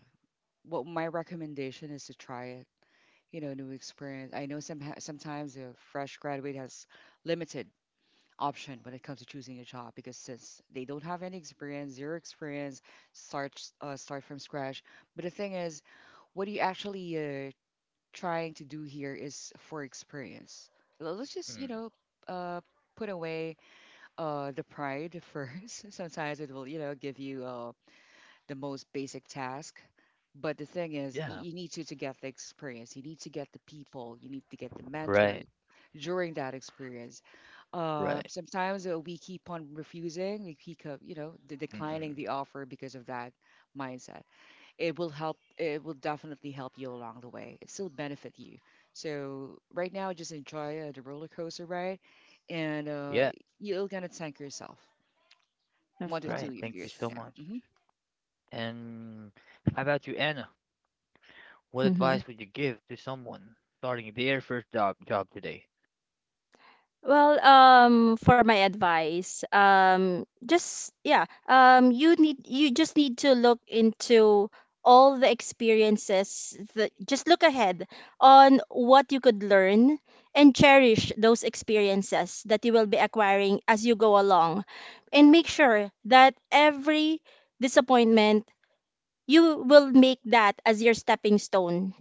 S3: What my recommendation is to try it. You know, new experience. I know sometimes a fresh graduate has limited option when it comes to choosing a job, because since they don't have any experience, zero experience, start from scratch. But the thing is, what you actually, trying to do here is for experience. Well, let's just,
S1: Mm,
S3: uh, put away, the pride first. Sometimes it will, give you, the most basic task. But the thing is,
S1: yeah.
S3: you need to get the experience. You need to get the people. You need to get the mentor
S1: Right.
S3: during that experience. Uh,
S1: Right.
S3: sometimes we keep on refusing. We keep, declining
S1: Mm-mm.
S3: the offer because of that mindset. It will help. It will definitely help you along the way. It still benefit you. So right now, just enjoy, the roller coaster ride, and,
S1: Yeah.
S3: you're gonna thank yourself
S2: Of
S3: one to two
S1: Right. Thank you
S3: years from
S1: so
S2: course.
S3: now.
S1: much.
S3: Mhm.
S1: And how about you, Anna? What
S2: Hmm.
S1: advice would you give to someone starting their first job today?
S2: Well, for my advice, just yeah, you just need to look into all the experiences, that just look ahead on what you could learn, and cherish those experiences that you will be acquiring as you go along, and make sure that every disappointment you will make that as your stepping stone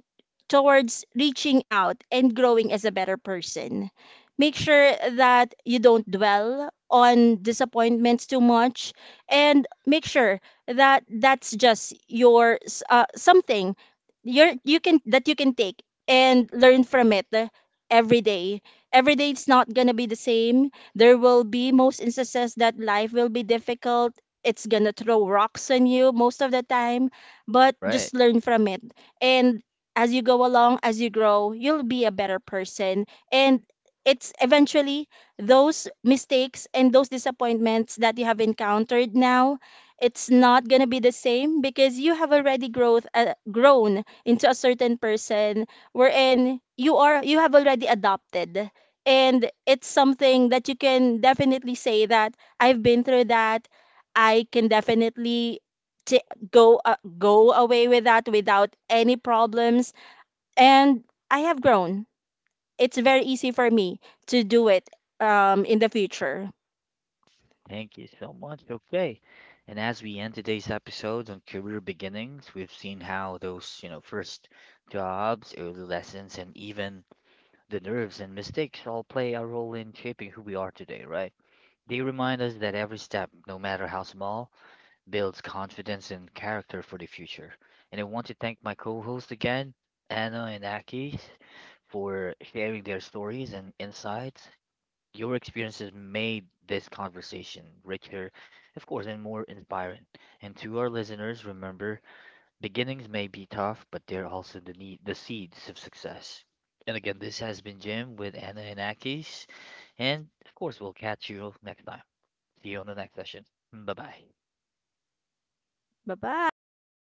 S2: towards reaching out and growing as a better person. Make sure that you don't dwell on disappointments too much, and make sure that that's just your something you can that you can take and learn from it, every day. Every day it's not going to be the same. There will be most instances that life will be difficult. It's going to throw rocks on you most of the time, but
S1: Right.
S2: just learn from it. And as you go along, as you grow, you'll be a better person. And it's eventually those mistakes and those disappointments that you have encountered now, it's not going to be the same because you have already grown into a certain person wherein you have already adopted, and it's something that you can definitely say that I've been through that. I can definitely go go away with that without any problems, and I have grown. It's very easy for me to do it in the future.
S1: Thank you so much. Okay. And as we end today's episode on career beginnings, we've seen how those, first jobs, early lessons, and even the nerves and mistakes all play a role in shaping who we are today, right? They remind us that every step, no matter how small, builds confidence and character for the future. And I want to thank my co host again, Anna and Aki, for sharing their stories and insights. Your experiences made this conversation richer, of course, and more inspiring. And to our listeners, remember, beginnings may be tough, but they're also the seeds of success. And again, this has been Jim with Anna and Akis, and of course, we'll catch you next time. See you on the next session. Bye bye.
S2: Bye bye.